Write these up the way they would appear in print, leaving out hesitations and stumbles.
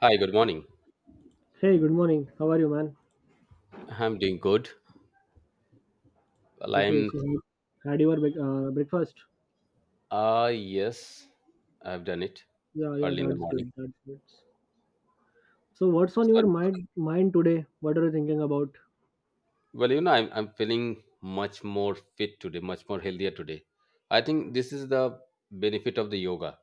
Hi, good morning. Hey, good morning. How are you, man? I'm doing good. Well, Okay, I'm, so you had your breakfast? Yes, I've done it Yeah, yeah, early in the that's morning. good. That's good. So, what's on your So, mind today? What are you thinking about? well, I'm feeling much more fit today, much more healthier today. I think this is the benefit of the yoga.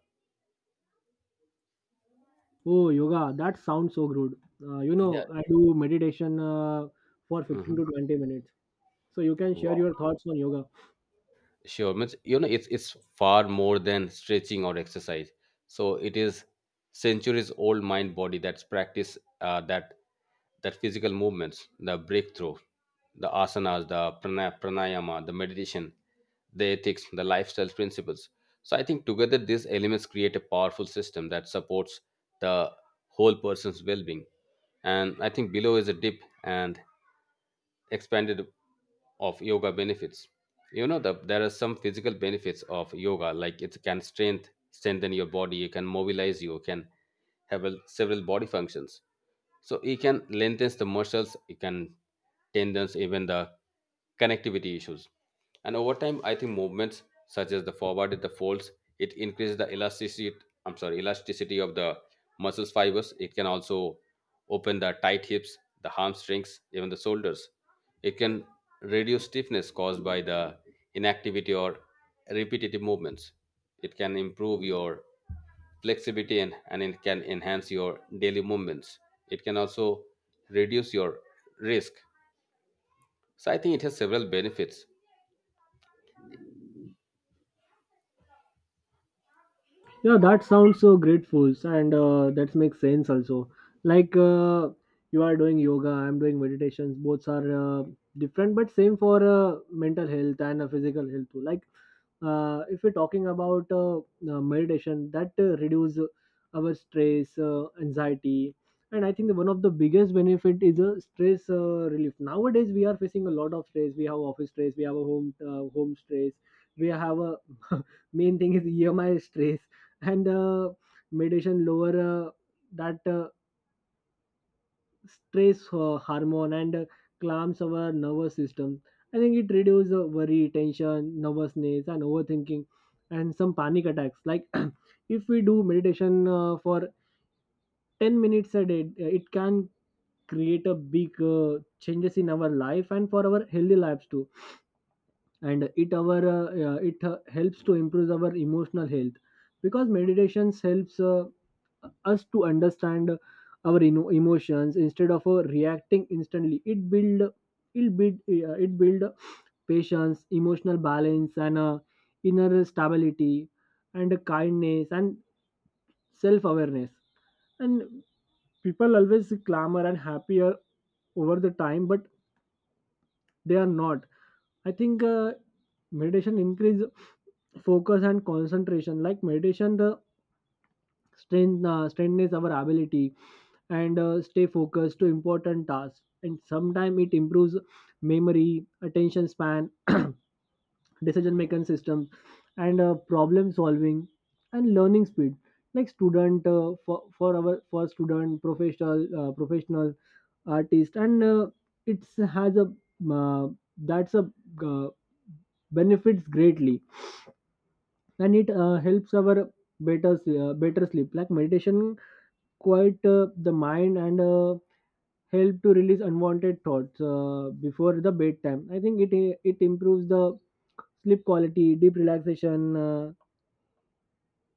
Oh, yoga. That sounds so good. Yeah. I do meditation for 15 hmm to 20 minutes. So you can share Wow. your thoughts on yoga. Sure, means you know it's far more than stretching or exercise. So it is centuries old mind body that's practice that physical movements, the breakthrough, the asanas, the pranayama, the meditation, the ethics, the lifestyle principles. So I think together these elements create a powerful system that supports the whole person's well-being. And I think below is a dip and expanded of yoga benefits, you know, that there are some physical benefits of yoga like it can strengthen your body, you can mobilize, you can have a, several body functions, so it can lengthen the muscles, it can tendons, even the connectivity issues. And over time, I think movements such as the forward and the folds, it increases the elasticity. I'm sorry, elasticity of the muscles fibers. It can also open the tight hips, the hamstrings, even the shoulders. It can reduce stiffness caused by the inactivity or repetitive movements. It can improve your flexibility and, it can enhance your daily movements. It can also reduce your risk. So I think it has several benefits. Yeah, that sounds so grateful, and that makes sense also. Like, you are doing yoga, I'm doing meditations. Both are different but same for mental health and physical health too. Like if we're talking about meditation that reduce our stress anxiety, and I think one of the biggest benefit is a stress relief. Nowadays we are facing a lot of stress. We have office stress, we have a home stress, we have a main thing is EMI stress. And meditation lower that stress hormone and calms our nervous system. I think it reduces worry, tension, nervousness, and overthinking, and some panic attacks. Like if we do meditation for 10 minutes a day, it can create a big changes in our life and for our healthy lives too. And it our it helps to improve our emotional health because meditations helps. Us to understand our emotions. Instead of reacting instantly, it build patience, emotional balance, and inner stability, and kindness, and self awareness. And people always clamor and happier over the time, but they are not. I think meditation increase focus and concentration. Like meditation strengthens our ability and stay focused to important tasks. And sometimes it improves memory, attention span, decision making systems, and problem solving, and learning speed, like student for our for student, professional, professional, artist, and it has a uh, that's a uh, benefits greatly. And it helps our better sleep. Like meditation quiet the mind and help to release unwanted thoughts before the bedtime. I think it improves the sleep quality, deep relaxation,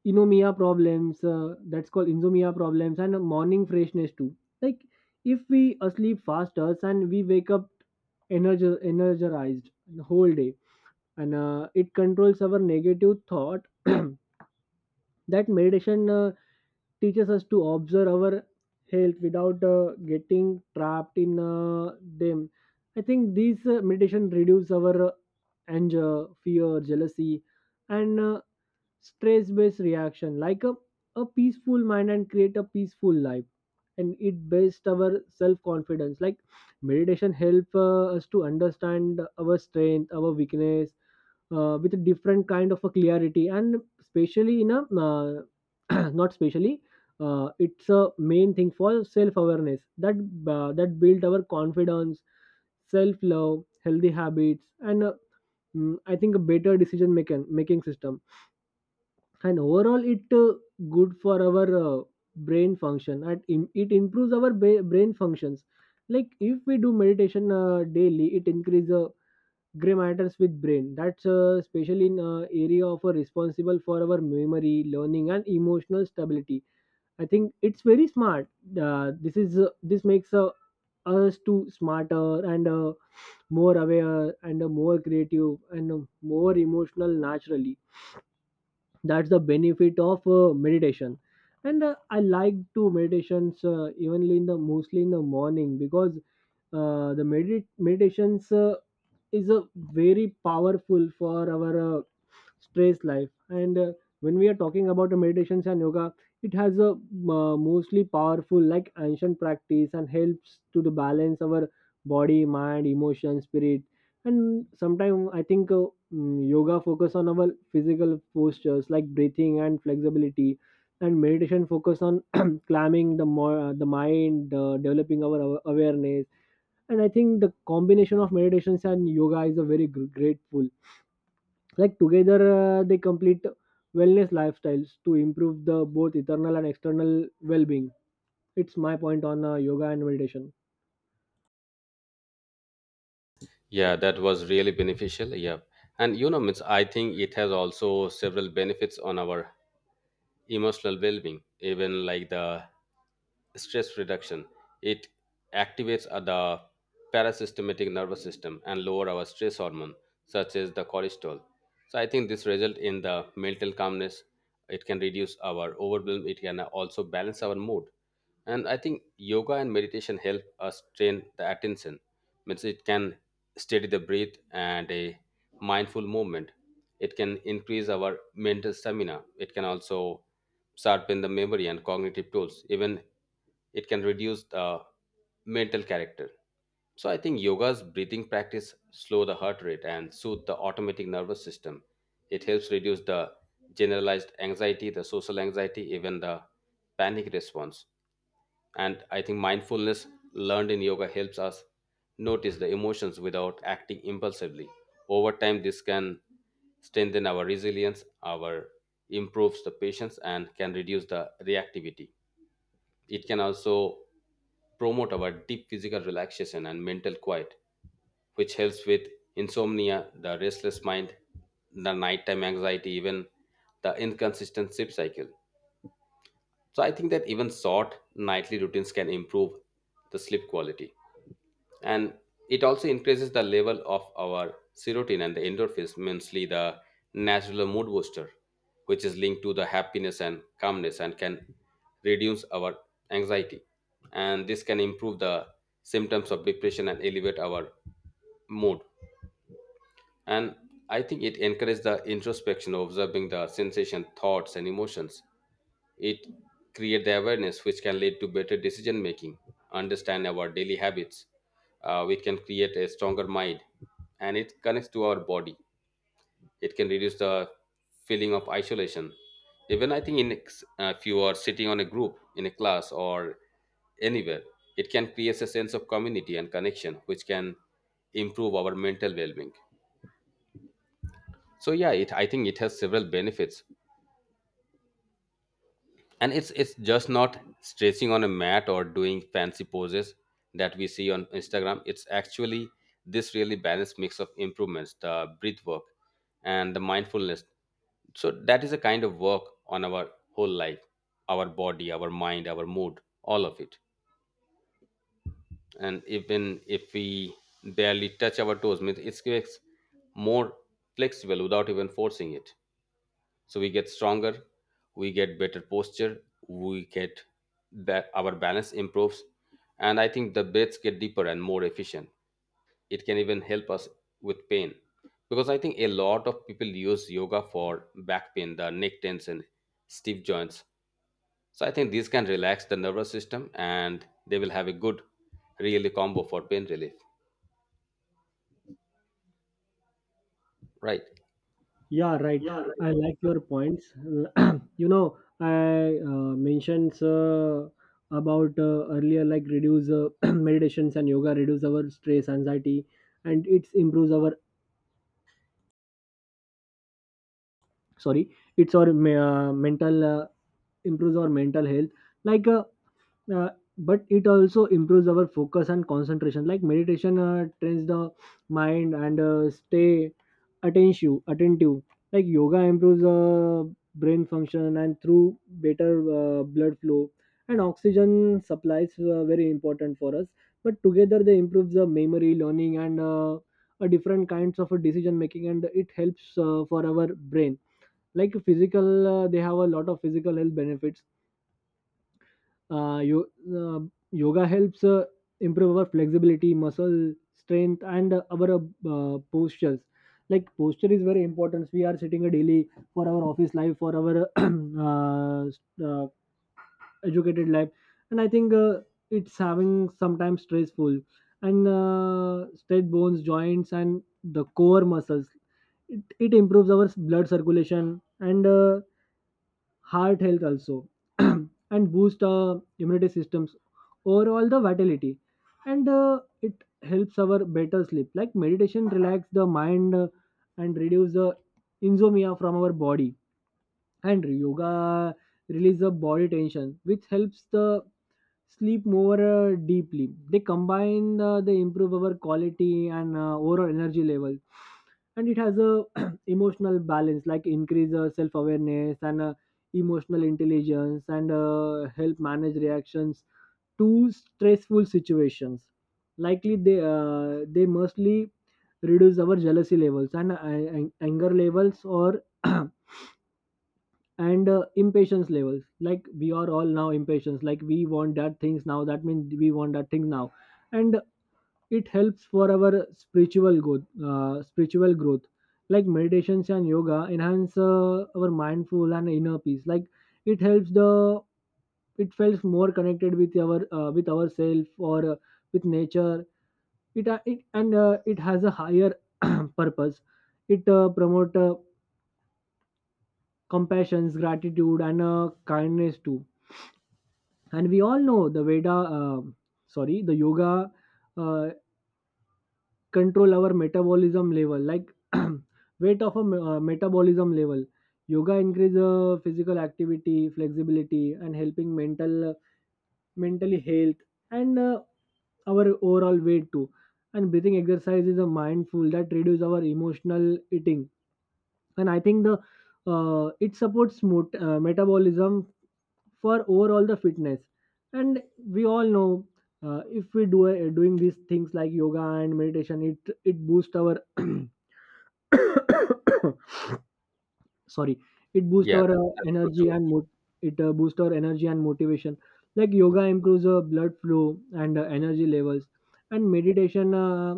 inomia problems. That's called insomnia problems, and morning freshness too. Like if we sleep faster and we wake up energized the whole day. And it controls our negative thought. That meditation teaches us to observe our health without getting trapped in them. I think these meditation reduce our anger, fear, jealousy, and stress based reaction. A peaceful mind and create a peaceful life. And it based our self confidence. Like meditation help us to understand our strength, our weakness, with a different kind of a clarity. And especially in a not specially, it's a main thing for self awareness, that that build our confidence, self love, healthy habits, and I think a better decision making system. And overall it good for our brain function. And it improves our brain functions. Like if we do meditation daily, it increase gray matters with brain, that's especially in area of responsible for our memory, learning, and emotional stability. I think it's very smart. This makes us to smarter, and more aware, and more creative, and more emotional naturally. That's the benefit of meditation. And I like to meditations evenly in the mostly in the morning, because meditations is a very powerful for our stress life. And when we are talking about the meditations and yoga, it has a mostly powerful like ancient practice, and helps to the balance our body, mind, emotion, spirit. And sometimes I think yoga focus on our physical postures like breathing and flexibility, and meditation focus on calming the mind, developing our awareness. And I think the combination of meditations and yoga is a very grateful. Like together they complete wellness lifestyles to improve the both internal and external well-being. It's my point on yoga and meditation. Yeah, that was really beneficial. Yeah. And you know, means I think it has also several benefits on our emotional well being, even like the stress reduction. It activates the parasympathetic nervous system and lower our stress hormone such as the cortisol. So I think this result in the mental calmness. It can reduce our overwhelm, it can also balance our mood. And I think yoga and meditation help us train the attention. Means it can steady the breath and a mindful movement. It can increase our mental stamina, it can also sharpen the memory and cognitive tools, even it can reduce the mental character. So I think yoga's breathing practice slow the heart rate and soothe the automatic nervous system. It helps reduce the generalized anxiety, the social anxiety, even the panic response. And I think mindfulness learned in yoga helps us notice the emotions without acting impulsively. Over time, this can strengthen our resilience, our improves the patience, and can reduce the reactivity. It can also promote our deep physical relaxation and mental quiet, which helps with insomnia, the restless mind, the nighttime anxiety, even the inconsistent sleep cycle. So I think that even short nightly routines can improve the sleep quality. And it also increases the level of our serotonin and the endorphins, mainly the natural mood booster, which is linked to the happiness and calmness and can reduce our anxiety. And this can improve the symptoms of depression and elevate our mood. And I think it encourages the introspection, observing the sensation, thoughts, and emotions, it create the awareness which can lead to better decision making, understand our daily habits. We can create a stronger mind and it connects to our body. It can reduce the feeling of isolation. Even I think if you are sitting on a group in a class or anywhere, it can create a sense of community and connection which can improve our mental well-being. So yeah, it I think it has several benefits, and it's just not stretching on a mat or doing fancy poses that we see on Instagram. It's actually this really balanced mix of improvements, the breath work and the mindfulness. So that is a kind of work on our whole life, our body, our mind, our mood, all of it. And even if we barely touch our toes, means it gets more flexible without even forcing it. So we get stronger, we get better posture, we get that our balance improves. And I think the breaths get deeper and more efficient. It can even help us with pain, because I think a lot of people use yoga for back pain, the neck tension, stiff joints. So I think these can relax the nervous system and they will have a good really combo for pain relief, right? Yeah, right. Yeah, right. I like your points. You know, I mentioned about earlier, like reduce meditations and yoga reduce our stress, anxiety, and it improves our, sorry, mental, improves our mental health. like uh, uh, but it also improves our focus and concentration. Like meditation trains the mind and stay attentive. Like yoga improves brain function and through better blood flow and oxygen supplies, very important for us. But together they improves the memory, learning, and a different kinds of a decision making, and it helps for our brain. Like physical, they have a lot of physical health benefits. uh, yo- uh, Yoga helps improve our flexibility, muscle strength, and our postures. Like posture is very important. We are sitting a daily for our office life, for our uh, educated life. And I think it's having sometimes stressful, and straight bones, joints, and the core muscles. It improves our blood circulation, and heart health also, and boost immunity systems overall, the vitality. And it helps our better sleep. Like meditation relax the mind and reduce the insomnia from our body. And yoga release the body tension, which helps the sleep more deeply. They combine, they improve our quality and overall energy level. And it has a emotional balance, like increase self awareness and emotional intelligence, and help manage reactions to stressful situations. Likely they mostly reduce our jealousy levels and anger levels, or and impatience levels. Like we are all now impatience, like we want that things now, that means we want that thing now. And it helps for our spiritual growth, spiritual growth. Like meditations and yoga enhance our mindful and inner peace. Like it helps the it feels more connected with our, with ourself, or with nature. It has a higher purpose. It promote compassion, gratitude, and kindness too. And we all know the veda sorry the yoga, uh, control our metabolism level, like weight of a metabolism level. Yoga increase physical activity, flexibility, and helping mentally health, and our overall weight too. And breathing exercise is a mindful that reduce our emotional eating. And I think the it supports metabolism for overall the fitness. And we all know, if we do doing these things like yoga and meditation, it boosts our sorry, it boosts Yeah, our that's so energy true. and mo- it boosts our energy and motivation. Like yoga improves blood flow and energy levels, and meditation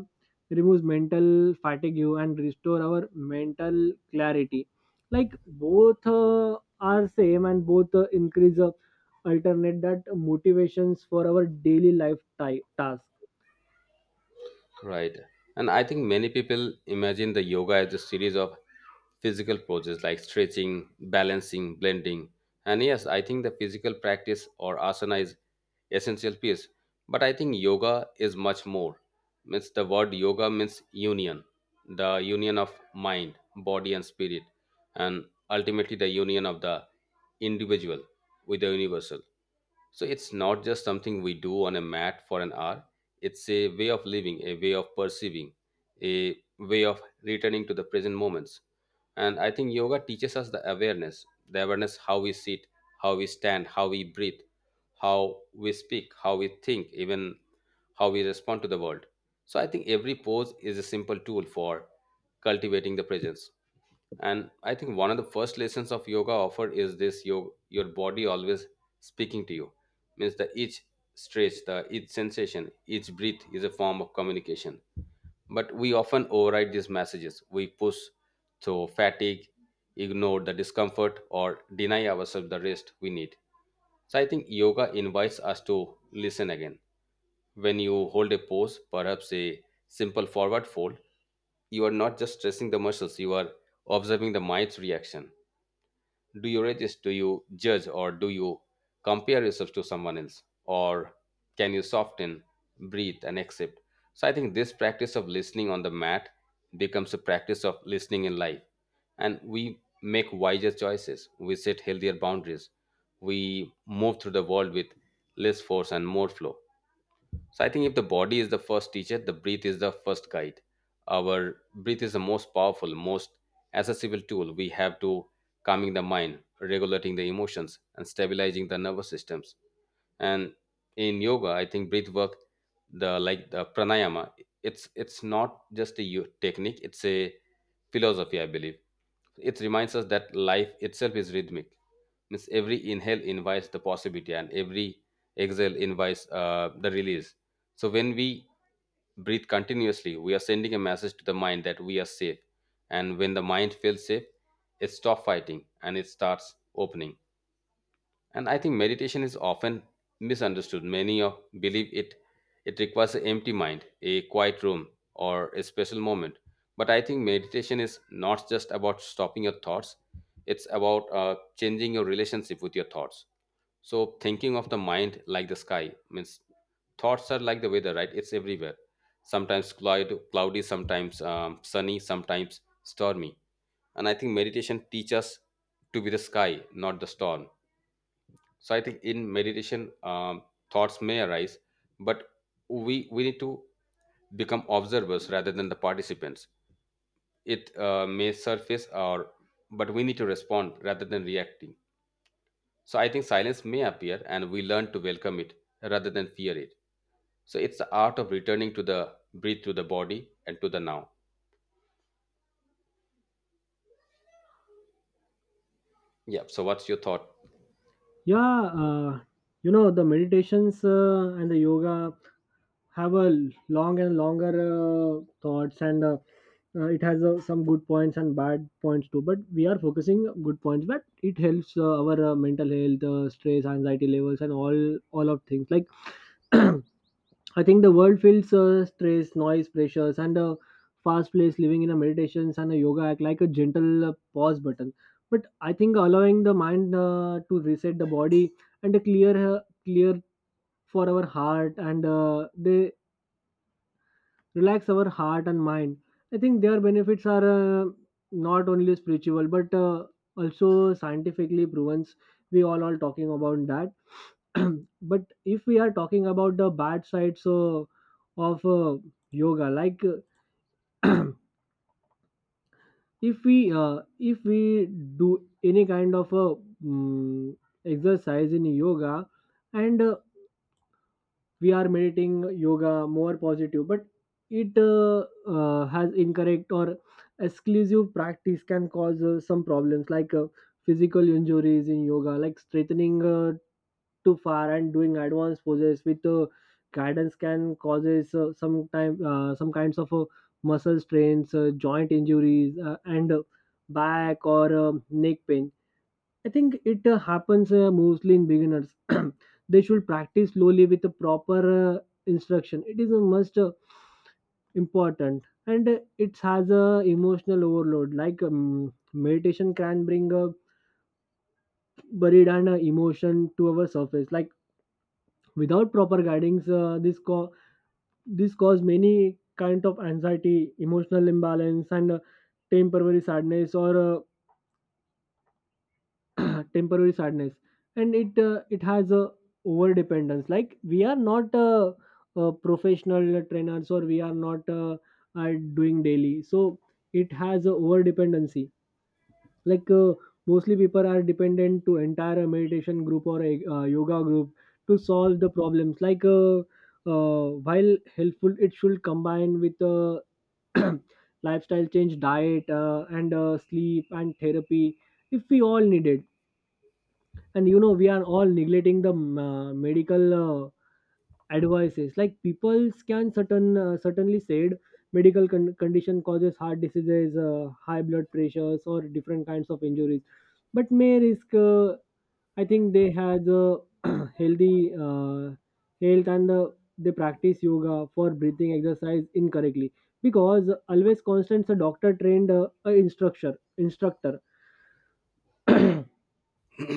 removes mental fatigue and restore our mental clarity. Like both are same, and both increase alternate that motivations for our daily life task. Right. And I think many people imagine the yoga as a series of physical poses like stretching, balancing, blending. And yes, I think the physical practice or asana is essential piece. But I think yoga is much more. Means the word yoga means union, the union of mind, body and spirit, and ultimately the union of the individual with the universal. So it's not just something we do on a mat for an hour. It's a way of living, a way of perceiving, a way of returning to the present moments. And I think yoga teaches us the awareness how we sit, how we stand, how we breathe, how we speak, how we think, even how we respond to the world. So I think every pose is a simple tool for cultivating the presence. And I think one of the first lessons of yoga offered is this your body always speaking to you. Means the each stretch, the each sensation, each breath is a form of communication. But we often override these messages. We push through fatigue, ignore the discomfort, or deny ourselves the rest we need. So I think yoga invites us to listen again. When you hold a pose, perhaps a simple forward fold, you are not just stressing the muscles, you are observing the mind's reaction. Do you resist? Do you judge? Or do you compare yourself to someone else? Or can you soften, breathe, and accept? So I think this practice of listening on the mat becomes a practice of listening in life. And we make wiser choices, we set healthier boundaries, we move through the world with less force and more flow. So I think if the body is the first teacher, the breath is the first guide. Our breath is the most powerful, most accessible tool we have to calming the mind, regulating the emotions, and stabilizing the nervous systems. And in yoga, I think breath work, the like the pranayama, it's not just a technique; it's a philosophy, I believe. It reminds us that life itself is rhythmic. Means every inhale invites the possibility, and every exhale invites the release. So when we breathe continuously, we are sending a message to the mind that we are safe. And when the mind feels safe, it stops fighting and it starts opening. And I think meditation is often misunderstood. Many of believe it requires an empty mind, a quiet room, or a special moment. But I think meditation is not just about stopping your thoughts. It's about changing your relationship with your thoughts. So thinking of the mind like the sky, means thoughts are like the weather, right? It's everywhere. Sometimes cloudy, sometimes sunny, sometimes stormy. And I think meditation teaches us to be the sky, not the storm. So I think in meditation, thoughts may arise, but we need to become observers rather than the participants. It may surface, or but we need to respond rather than reacting. So I think silence may appear and we learn to welcome it rather than fear it. So it's the art of returning to the breathe, to the body, and to the now. Yeah. So what's your thought? Yeah, you know, the meditations and the yoga have a long and longer thoughts, and it has some good points and bad points too, but we are focusing good points. But it helps our mental health, stress, anxiety levels, and all of things. Like I think the world feels stress, noise, pressures, and fast paced living. In a meditations and a yoga act like a gentle pause button. But I think allowing the mind to reset the body and a clear for our heart, and they relax our heart and mind. I think their benefits are not only spiritual but also scientifically proven. We all are talking about that. But if we are talking about the bad sides of yoga, like if we do any kind of mm, exercise in yoga, and we are meditating, yoga more positive. But it has incorrect or exclusive practice can cause some problems, like physical injuries in yoga, like straightening too far and doing advanced poses with guidance can causes some kinds of muscle strains, joint injuries, and back or neck pain. I think it happens mostly in beginners. They should practice slowly with a proper instruction. It is a must important. And it has a emotional overload. Like meditation can bring a buried and emotion to our surface. Like without proper guidance, this cause many kind of anxiety, emotional imbalance, and temporary sadness or temporary sadness And it has a over dependence like we are not professional trainers or we are not are doing daily, so it has a over dependency. like uh, Mostly people are dependent to entire meditation group or a yoga group to solve the problems. While helpful, it should combine with lifestyle change, diet and sleep and therapy if we all need it. And you know we are all neglecting the medical advices. Like people can certainly said medical condition causes heart diseases, high blood pressures, or different kinds of injuries. But may risk. I think they has a healthy uh, health, and they practice yoga for breathing exercise incorrectly because always constant a doctor trained a instructor.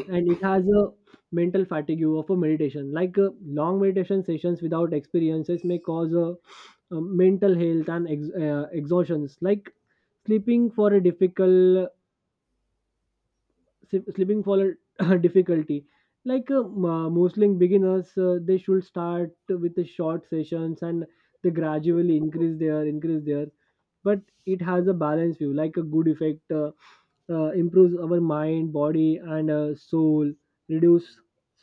And it has a mental fatigue of a meditation. Long meditation sessions without experiences may cause a mental health and exhaustions, like sleeping for a difficult sleeping slipping fall difficulty. Mostly beginners, they should start with the short sessions, and they gradually increase their, but it has a balance view. Like a good effect, improves our mind, body, and soul, reduce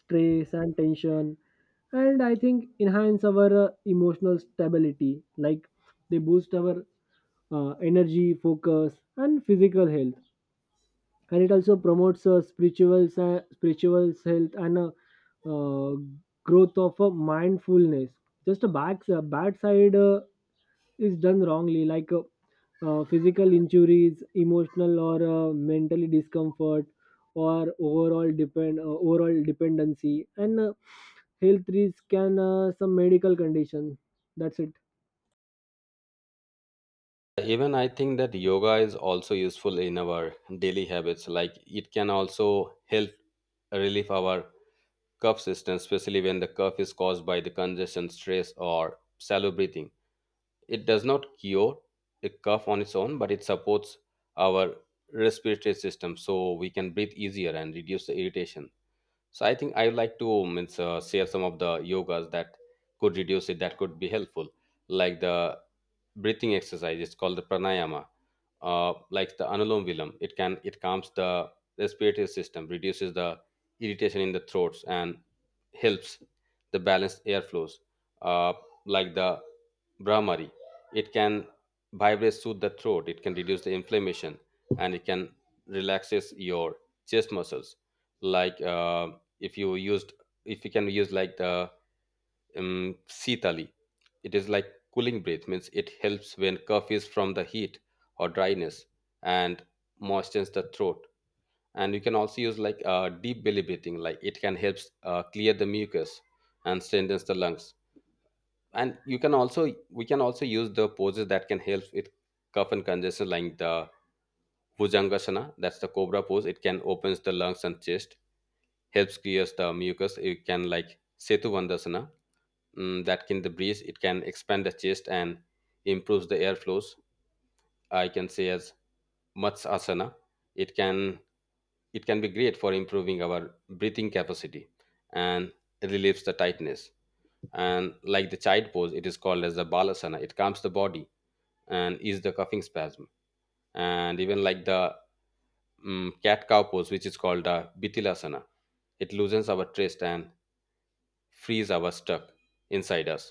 stress and tension. And I think enhance our emotional stability. Like they boost our energy, focus, and physical health. And it also promotes spiritual health and uh, growth of mindfulness. Just a bad side, is done wrongly. Physical injuries, emotional or mentally discomfort, or overall dependency, and health risk, and some medical condition. That's it. Even I think that yoga is also useful in our daily habits. Like it can also help relieve our cough system, especially when the cough is caused by the congestion, stress, or shallow breathing. It does not cure a cough on its own, but it supports our respiratory system so we can breathe easier and reduce the irritation. So I think I would like to means, share some of the yogas that could reduce it, that could be helpful, like the breathing exercise. It's called the pranayama, like the anulom vilom. It calms the respiratory system, reduces the irritation in the throats, and helps the balanced airflows. Uh, like the brahmari, it can vibrate soothe the throat. It can reduce the inflammation, and it can relaxes your chest muscles. Like if you used if you can use like the sitali, it is like cooling breath, means it helps when cough is from the heat or dryness and moistens the throat. And you can also use like deep belly breathing, like it can help clear the mucus and strengthens the lungs. And you can also we can also use the poses that can help with cough and congestion, like the Bhujangasana, that's the cobra pose. It can opens the lungs and chest, helps clears the mucus. It can like Setu Vandasana, that can the breeze. It can expand the chest and improves the airflows. I can say as Matsasana. It can it can be great for improving our breathing capacity and relieves the tightness. And like the child pose, it is called as the Balasana. It calms the body and ease the coughing spasm. And even like the cat cow pose, which is called the Bithilasana, it loosens our chest and freeze our stuck inside us.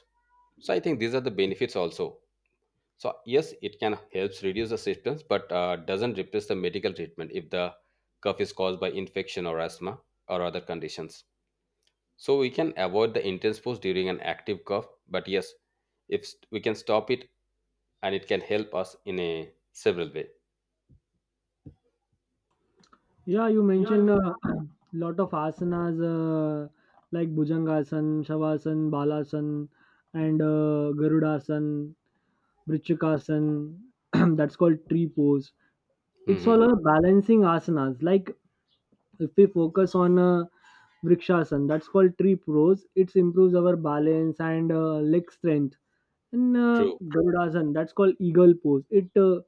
So I think these are the benefits also. So yes, it can helps reduce the symptoms, but doesn't replace the medical treatment if the cough is caused by infection or asthma or other conditions. So we can avoid the intense force during an active cough, but yes, if we can stop it, and it can help us in a several way. Yeah, you Yeah, mentioned you. a lot of asanas, like Bhujangasan, Shavasana, Balasan, and Garudasan, Vrichikasan. That's called tree pose. It's Mm-hmm. all a balancing asanas. If we focus on Vrikshasan, that's called tree pose. It improves our balance and leg strength. In True. Garudasana, that's called eagle pose. It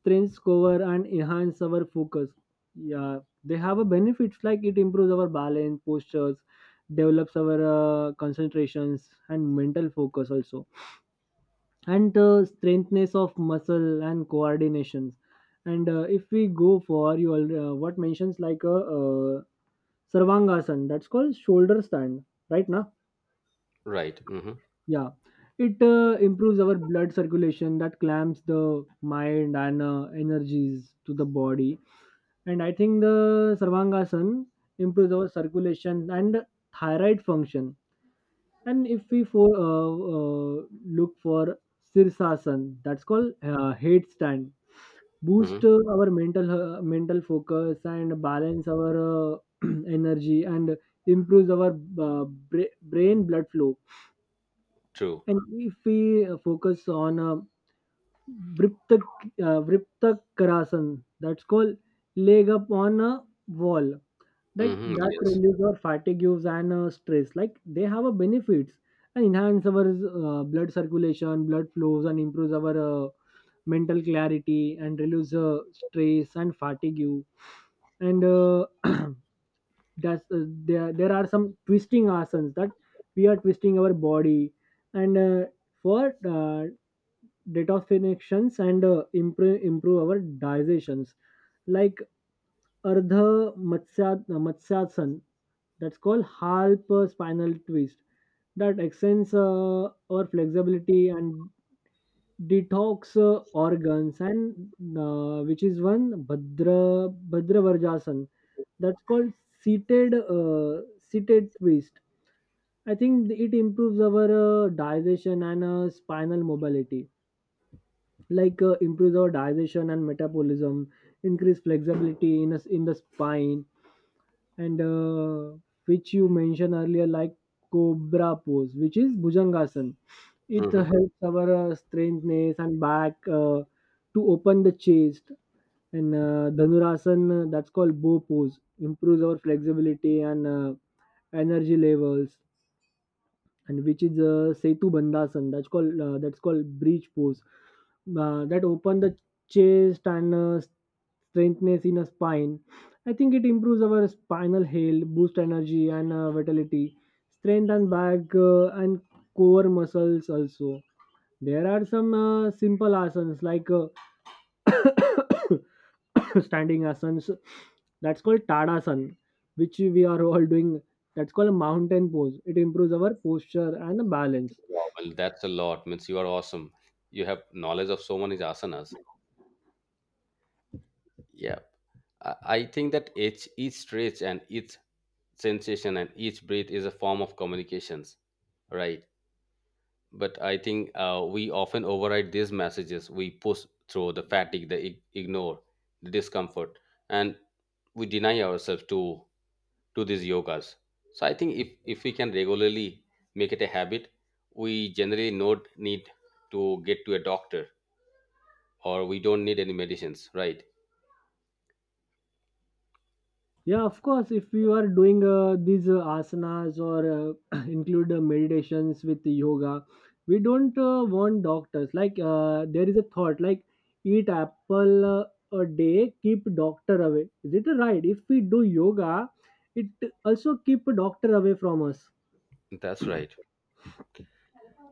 strengthens cover and enhance our focus. Yeah, they have a benefits. Like it improves our balance, postures, develops our concentrations and mental focus also, and strengthness of muscle and coordinations. And if we go for you, what mentions like a Sarvangasana, that's called shoulder stand, right? Right. Mm-hmm. Yeah, it improves our blood circulation that clamps the mind and energies to the body. And I think the Sarvangasan improves our circulation and thyroid function. And if we look for Sirsasan, that's called head stand, boost Mm-hmm. Our mental focus and balance our energy and improves our brain blood flow. True. And if we focus on Vriptak, Vriptakarasana, that's called leg up on a wall. Like Mm-hmm. that Yes. relieves our fatigues and stress. Like they have a benefits and enhance our blood circulation, blood flows, and improves our mental clarity and reduce stress and fatigue you. And that's there are some twisting asans that we are twisting our body and for detoxifications and improve our digestions, like ardha matsya matsyasan, that's called half spinal twist, that extends our flexibility and detox organs. And which is one Bhadravarjasan, that's called seated twist. I think it improves our digestion and spinal mobility, like improves our digestion and metabolism, increase flexibility in us in the spine. And which you mentioned earlier, like cobra pose, which is bhujangasan, it Mm-hmm. helps our strengthness and back to open the chest. And Dhanurasana, that's called bow pose, improves our flexibility and energy levels. And which is Setu Bandhasan, that's called that's called bridge pose. That open the chest and strengthness in a spine. I think it improves our spinal health, boost energy and vitality, strength and back, and core muscles also. There are some simple asanas like standing asanas, that's called tadasana, which we are all doing. That's called a mountain pose. It improves our posture and balance. Wow, well, that's a lot. Means you are awesome. You have knowledge of so many asanas. Yeah, I think that each stretch and each sensation and each breath is a form of communications, right? But I think we often override these messages. We push through the fatigue, the ignore, the discomfort, and we deny ourselves to these yogas. So I think if we can regularly make it a habit, we generally not need to get to a doctor, or we don't need any medicines, right? Yeah, of course, if you are doing these asanas or include meditations with yoga, we don't want doctors. There is a thought like eat apple a day keep doctor away. Is it right? If we do yoga, it also keep doctor away from us. That's right.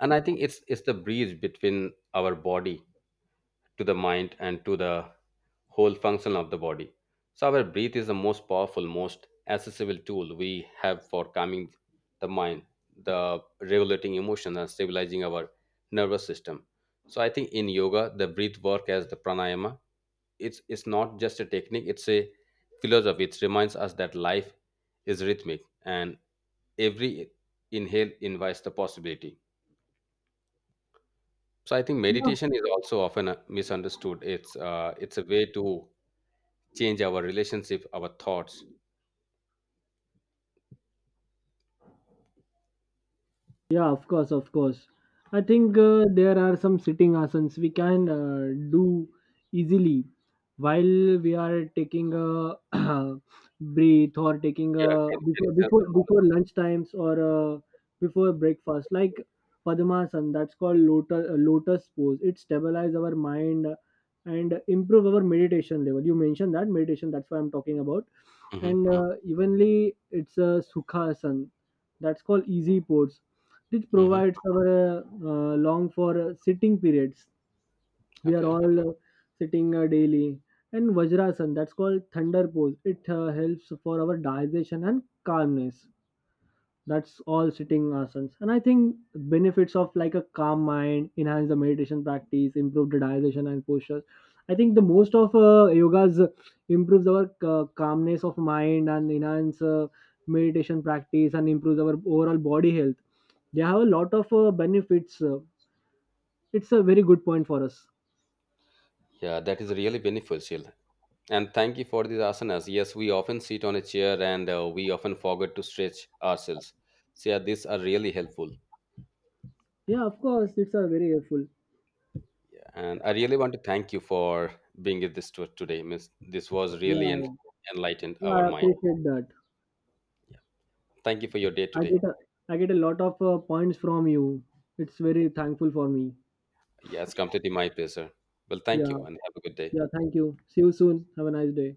And I think it's the breeze between our body to the mind and to the whole function of the body. So our breath is the most powerful, most accessible tool we have for calming the mind, the regulating emotions, and stabilizing our nervous system. So I think in yoga the breath work as the pranayama, it's not just a technique, it's a philosophy. It reminds us that life is rhythmic and every inhale invites the possibility. So I think Yeah. meditation is also often misunderstood. It's a way to change our relationship our thoughts. Yeah, of course, of course. I think there are some sitting asanas we can do easily while we are taking a breath or taking a Yeah, can you share some knowledge? before lunch times, or before breakfast. Like Padmasana, that's called lotus pose. It stabilizes our mind and improve our meditation level. You mentioned that meditation. That's why I'm talking about. And Mm-hmm, evenly, it's a Sukhasana. That's called easy pose. It mm-hmm. provides our long for sitting periods. We are Okay. all sitting daily. And Vajrasan, that's called thunder pose. It helps for our digestion and calmness. That's all sitting asanas. And I think benefits of like a calm mind, enhance the meditation practice, improve the digestion and postures. I think the most of yogas improves our calmness of mind and enhance meditation practice and improves our overall body health. They have a lot of benefits. It's a very good point for us. Yeah, that is really beneficial, and thank you for these asanas. Yes, we often sit on a chair, and we often forget to stretch ourselves. So yeah, these are really helpful. Yeah, of course, it's a very helpful. And I really want to thank you for being with this today, miss. This was Yeah, really yeah. enlightened Yeah, I our mind. appreciate that. Yeah. Thank you for your day i today. get a, I get a lot of points from you. It's very thankful for me. Yeah, it's completely my pleasure. Well, thank Yeah. you and have a good day. Yeah, thank you. See you soon. Have a nice day.